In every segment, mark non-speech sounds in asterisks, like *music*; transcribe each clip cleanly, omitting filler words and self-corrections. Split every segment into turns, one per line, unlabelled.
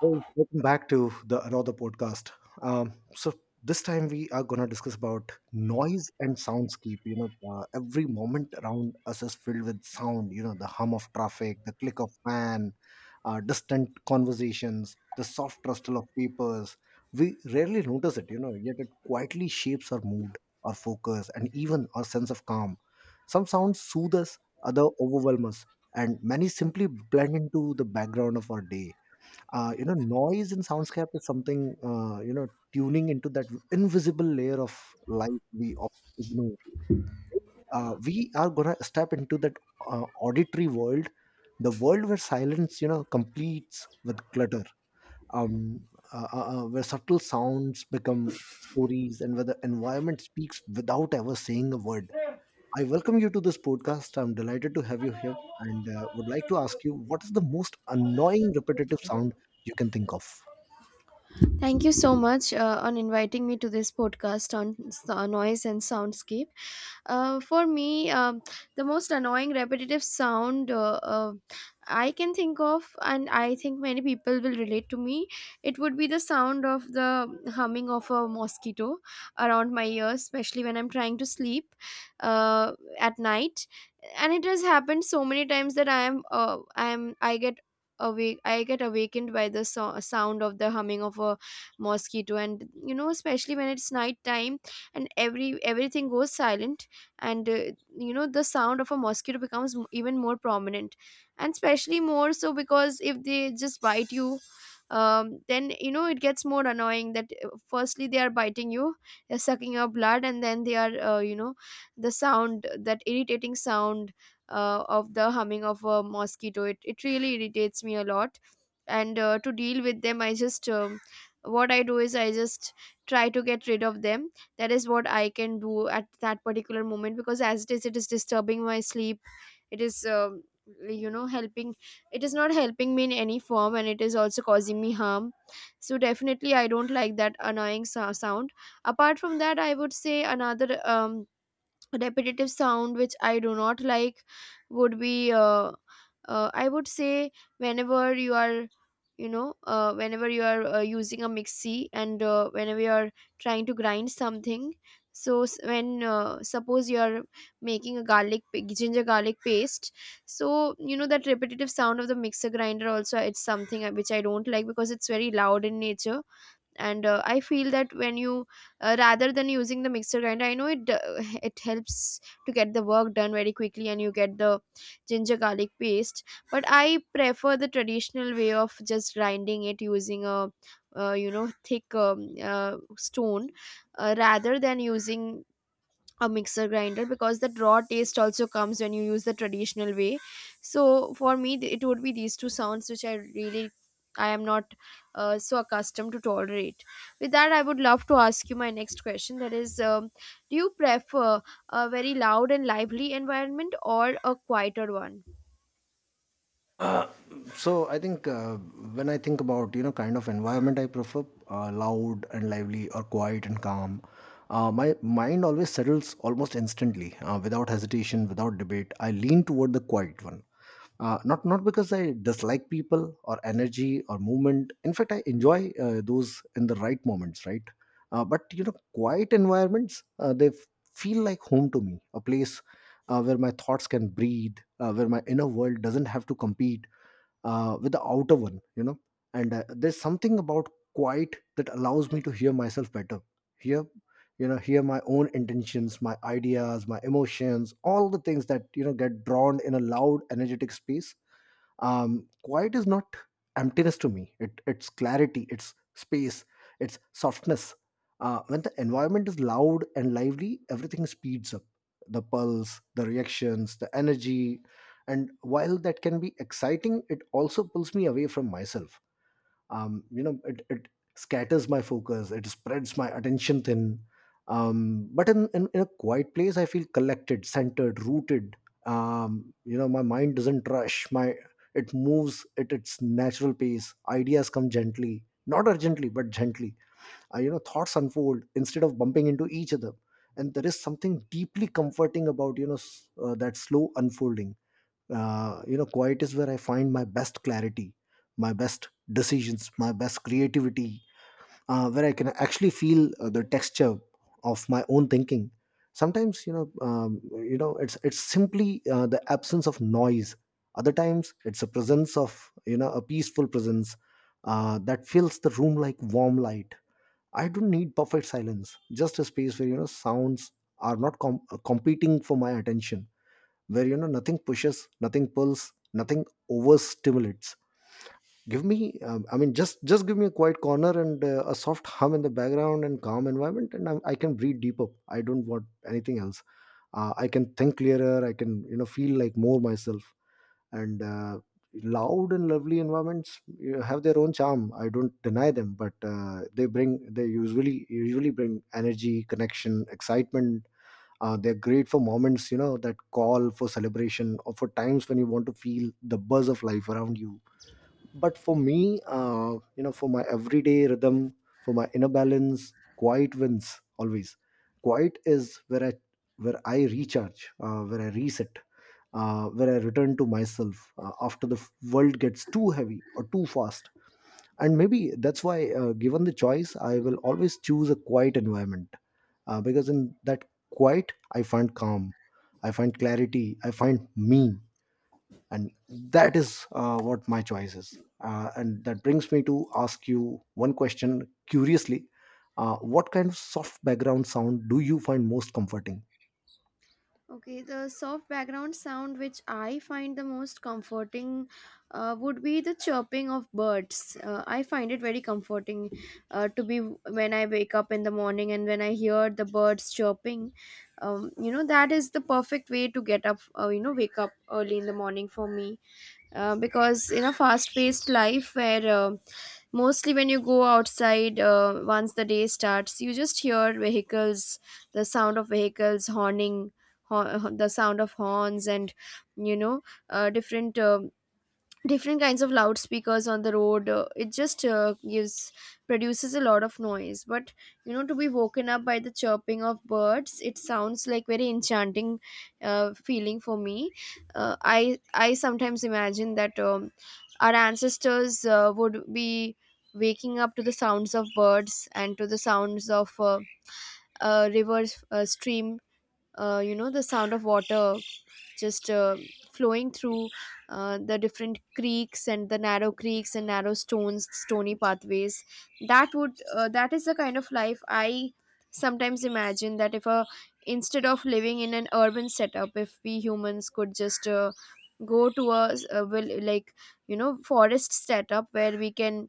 Hey, welcome back to the another podcast. So this time we are gonna discuss about noise and soundscape. You know, every moment around us is filled with sound. You know, the hum of traffic, the click of fan, distant conversations, the soft rustle of papers. We rarely notice it. You know, yet it quietly shapes our mood, our focus, and even our sense of calm. Some sounds soothe us, other overwhelm us, and many simply blend into the background of our day. You know, noise in soundscape is something. You know, tuning into that invisible layer of light we ignore, right? We are gonna step into that auditory world, the world where silence, you know, completes with clutter. um, where subtle sounds become stories and where the environment speaks without ever saying a word. I welcome you to this podcast. I'm delighted to have you here, and would like to ask you, what is the most annoying repetitive sound you can think of?
Thank you so much on inviting me to this podcast on noise and soundscape. For me, the most annoying repetitive sound I can think of, and I think many people will relate to me, it would be the sound of the humming of a mosquito around my ears, especially when I'm trying to sleep uh, at night. And it has happened so many times that I get awakened by the sound of the humming of a mosquito, and you know especially when it's night time and everything goes silent, and you know the sound of a mosquito becomes even more prominent, and especially more so because if they just bite you, then you know it gets more annoying that firstly they are biting you, they're sucking your blood, and then they are, you know, the sound, that irritating sound of the humming of a mosquito, it really irritates me a lot. And to deal with them, I just, what I do is I just try to get rid of them. That is what I can do at that particular moment, because as it is, it is disturbing my sleep. It is, you know, helping it is not helping me in any form, and it is also causing me harm. So definitely I don't like that annoying sound. Apart from that, I would say another repetitive sound which I do not like would be, I would say, whenever you are, you know, whenever you are using a mixie, and whenever you are trying to grind something. So when, suppose you are making a ginger garlic paste, so you know that repetitive sound of the mixer grinder also, it's something which I don't like because it's very loud in nature. And I feel that when you, rather than using the mixer grinder, I know it *laughs* it helps to get the work done very quickly and you get the ginger garlic paste, but I prefer the traditional way of just grinding it using a, you know, thick, stone, rather than using a mixer grinder, because that raw taste also comes when you use the traditional way. So for me, it would be these two sounds which I really, I am not so accustomed to tolerate. With that, I would love to ask you my next question, that is, do you prefer a very loud and lively environment or a quieter one?
Uh, so I think when I think about, you know, kind of environment I prefer, loud and lively or quiet and calm, my mind always settles almost instantly, without hesitation, without debate. I lean toward the quiet one. Not because I dislike people or energy or movement. In fact, I enjoy those in the right moments, right? But you know, quiet environments, feel like home to me, a place where my thoughts can breathe, where my inner world doesn't have to compete with the outer one, you know. And there's something about quiet that allows me to hear myself better, hear, you know, hear my own intentions, my ideas, my emotions, all the things that, you know, get drawn in a loud energetic space. Quiet is not emptiness to me. It's clarity, it's space, it's softness. When the environment is loud and lively, everything speeds up, the pulse, the reactions, the energy. And while that can be exciting, it also pulls me away from myself. You know, it scatters my focus, it spreads my attention thin. But in a quiet place, I feel collected, centered, rooted. You know, my mind doesn't rush, my, it moves at its natural pace. Ideas come gently, not urgently, but gently. You know, thoughts unfold instead of bumping into each other. And there is something deeply comforting about, you know, that slow unfolding. You know, quiet is where I find my best clarity, my best decisions, my best creativity, where I can actually feel the texture of my own thinking. Sometimes, you know, you know, it's simply the absence of noise. Other times it's a presence of, you know, a peaceful presence that fills the room like warm light. I don't need perfect silence, just a space where, you know, sounds are not competing for my attention, where, you know, nothing pushes, nothing pulls, nothing overstimulates. Give me I mean, just give me a quiet corner and a soft hum in the background and calm environment, and I can breathe deeper. I don't want anything else. I can think clearer. I can, you know, feel like more myself. And loud and lovely environments, you know, have their own charm. I don't deny them, but they usually bring energy, connection, excitement. They're great for moments, you know, that call for celebration or for times when you want to feel the buzz of life around you. But for me, you know, for my everyday rhythm, for my inner balance, quiet wins always. Quiet is where I recharge, where I reset, where I return to myself after the world gets too heavy or too fast. And maybe that's why, given the choice, I will always choose a quiet environment because in that quiet I find calm, I find clarity, I find me. And that is what my choice is. And that brings me to ask you one question curiously. What kind of soft background sound do you find most comforting?
Okay, the soft background sound which I find the most comforting, would be the chirping of birds. I find it very comforting to be, when I wake up in the morning and when I hear the birds chirping. You know, that is the perfect way to get up, you know, wake up early in the morning for me, because in a fast-paced life where, mostly when you go outside, once the day starts, you just hear vehicles, the sound of vehicles horning, the sound of horns and, you know, different, different kinds of loudspeakers on the road, it just, gives produces a lot of noise. But you know, to be woken up by the chirping of birds, it sounds like very enchanting, feeling for me. I sometimes imagine that, our ancestors would be waking up to the sounds of birds and to the sounds of, river, stream, you know, the sound of water just flowing through the different creeks and the narrow creeks and narrow stones stony pathways. That would, that is the kind of life I sometimes imagine, that if a instead of living in an urban setup, if we humans could just, go to a, like you know forest setup, where we can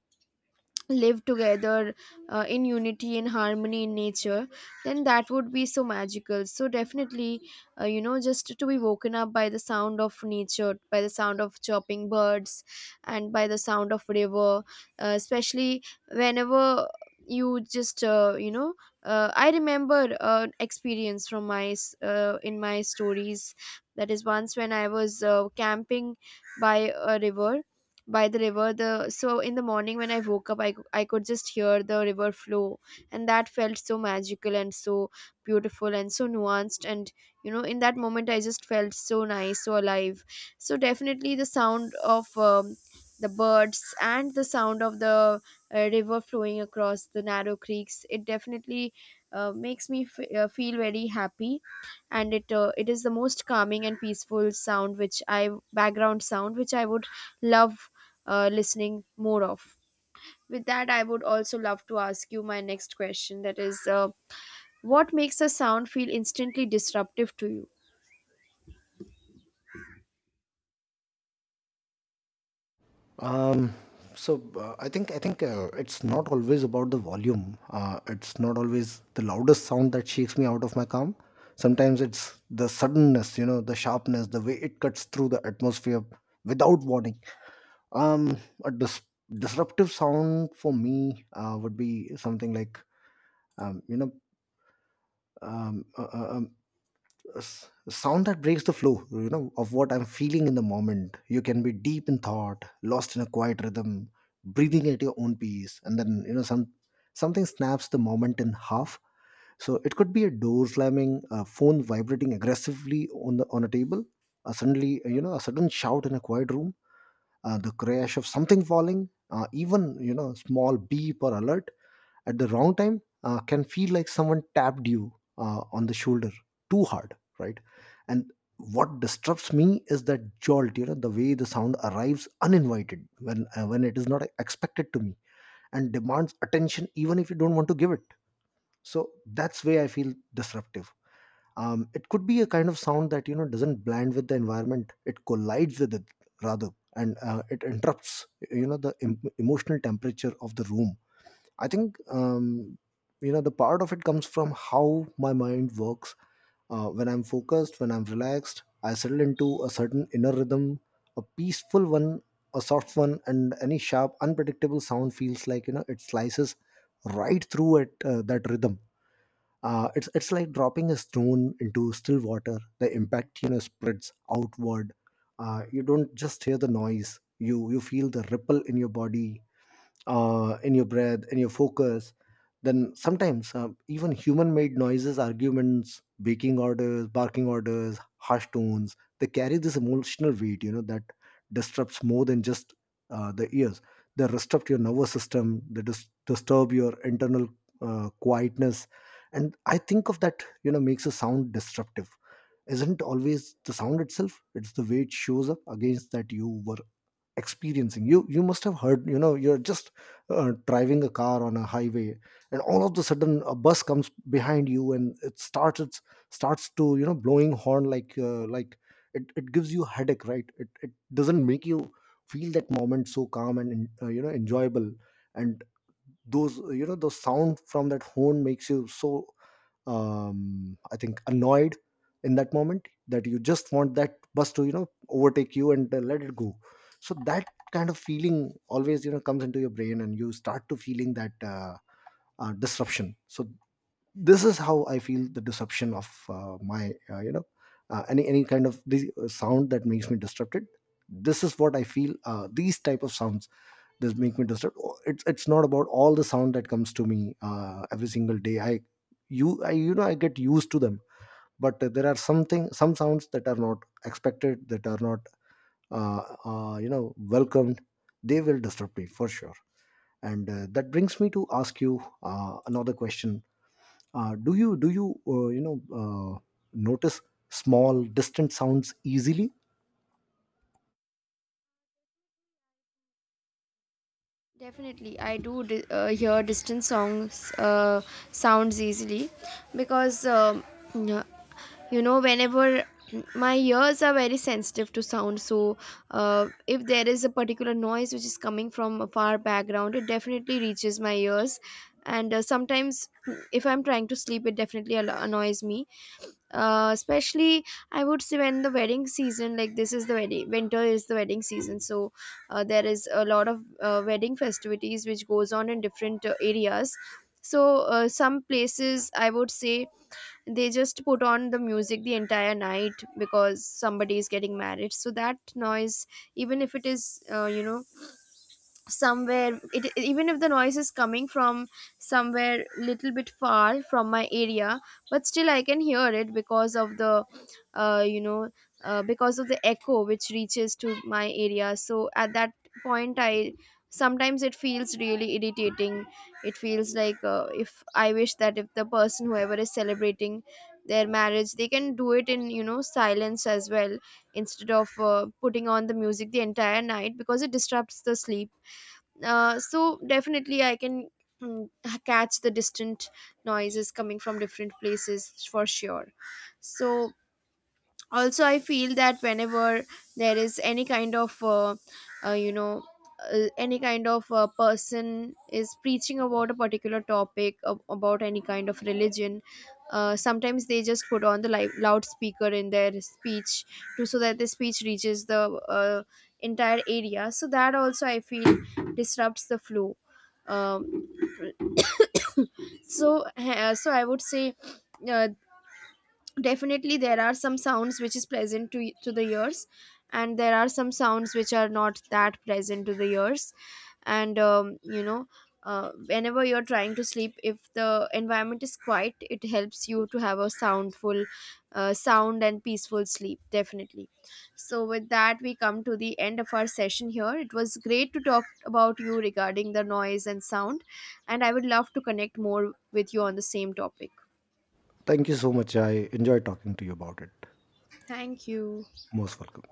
live together in unity and harmony in nature, then that would be so magical. So definitely, you know, just to be woken up by the sound of nature, by the sound of chirping birds and by the sound of river, especially whenever you just, you know, I remember experience from my in my stories, that is, once when I was camping by a river, by the river, the so in the morning when I woke up, I could just hear the river flow, and that felt so magical and so beautiful and so nuanced, and you know in that moment I just felt so nice, so alive. So definitely the sound of, the birds and the sound of the, river flowing across the narrow creeks, it definitely, makes me feel very happy. And it is the most calming and peaceful sound which I background sound which I would love, listening more of. With that, I would also love to ask you my next question, that is, what makes a sound feel instantly disruptive to you?
Um, so I think, it's not always about the volume. It's not always the loudest sound that shakes me out of my calm. Sometimes it's the suddenness, you know, the sharpness, the way it cuts through the atmosphere without warning. Um, a disruptive sound for me would be something like, you know, a sound that breaks the flow, you know, of what I'm feeling in the moment. You can be deep in thought, lost in a quiet rhythm, breathing at your own pace, and then, you know, some, something snaps the moment in half. So it could be a door slamming, a phone vibrating aggressively on the on a table, a suddenly, you know, a sudden shout in a quiet room, the crash of something falling, even, you know, small beep or alert at the wrong time can feel like someone tapped you on the shoulder too hard, right? And what disturbs me is that jolt, you know, the way the sound arrives uninvited when, when it is not expected to me, and demands attention even if you don't want to give it. So that's where I feel disruptive. It could be a kind of sound that, you know, doesn't blend with the environment, it collides with it rather. And it interrupts, you know, the emotional temperature of the room. I think, you know, the part of it comes from how my mind works. When I'm focused, when I'm relaxed, I settle into a certain inner rhythm, a peaceful one, a soft one, and any sharp, unpredictable sound feels like, you know, it slices right through at that rhythm. It's like dropping a stone into still water. The impact, you know, spreads outward. You don't just hear the noise. You feel the ripple in your body, in your breath, in your focus. Then sometimes, even human-made noises, arguments, baking orders, barking orders, harsh tones, they carry this emotional weight, you know, that disrupts more than just the ears. They disrupt your nervous system. They disturb your internal quietness, and I think of that, you know, makes a sound disruptive. Isn't always the sound itself; it's the way it shows up against that you were experiencing. You must have heard, you know, you're just driving a car on a highway, and all of the sudden a bus comes behind you, and it starts to, you know, blowing horn like, it gives you headache, right? It doesn't make you feel that moment so calm and, you know, enjoyable. And those, you know, the sound from that horn makes you so, I think, annoyed in that moment that you just want that bus to, you know, overtake you and, let it go. So that kind of feeling always, you know, comes into your brain and you start to feeling that, disruption. So this is how I feel the disruption of my, you know, any kind of this sound that makes me disrupted. This is what I feel. These type of sounds, this make me disturbed. Oh, it's not about all the sound that comes to me every single day. I you know, I get used to them. But there are something, some sounds that are not expected, that are not, uh, you know, welcomed, they will disturb me for sure. And that brings me to ask you another question. Do you you know, uh, notice small distant sounds easily?
Definitely, I do hear distant songs, sounds easily, because, yeah, you know, whenever, my ears are very sensitive to sound, so if there is a particular noise which is coming from a far background, it definitely reaches my ears. And sometimes if I'm trying to sleep, it definitely annoys me. Especially, I would say, when the wedding season, like this is the wedding, winter is the wedding season, so there is a lot of wedding festivities which goes on in different areas. So some places, I would say, they just put on the music the entire night because somebody is getting married, so that noise, even if it is, you know, somewhere, it, even if the noise is coming from somewhere little bit far from my area, but still I can hear it because of the, you know, because of the echo which reaches to my area. So at that point I, sometimes it feels really irritating, it feels like, if I wish that if the person whoever is celebrating their marriage, they can do it in you know silence as well, instead of putting on the music the entire night, because it disrupts the sleep. So definitely I can, mm, catch the distant noises coming from different places for sure. So also I feel that whenever there is any kind of, you know, any kind of person is preaching about a particular topic about any kind of religion, sometimes they just put on the loudspeaker in their speech, to so that the speech reaches the, uh, entire area, so that also I feel disrupts the flow. um, so so I would say, uh, definitely there are some sounds which is pleasant to the ears, and there are some sounds which are not that pleasant to the ears. And, you know, whenever you're trying to sleep, if the environment is quiet, it helps you to have a soundful, sound and peaceful sleep definitely. So with that we come to the end of our session here. It was great to talk about you regarding the noise and sound, and I would love to connect more with you on the same topic.
Thank you so much. I enjoy talking to you about it.
Thank you.
Most welcome.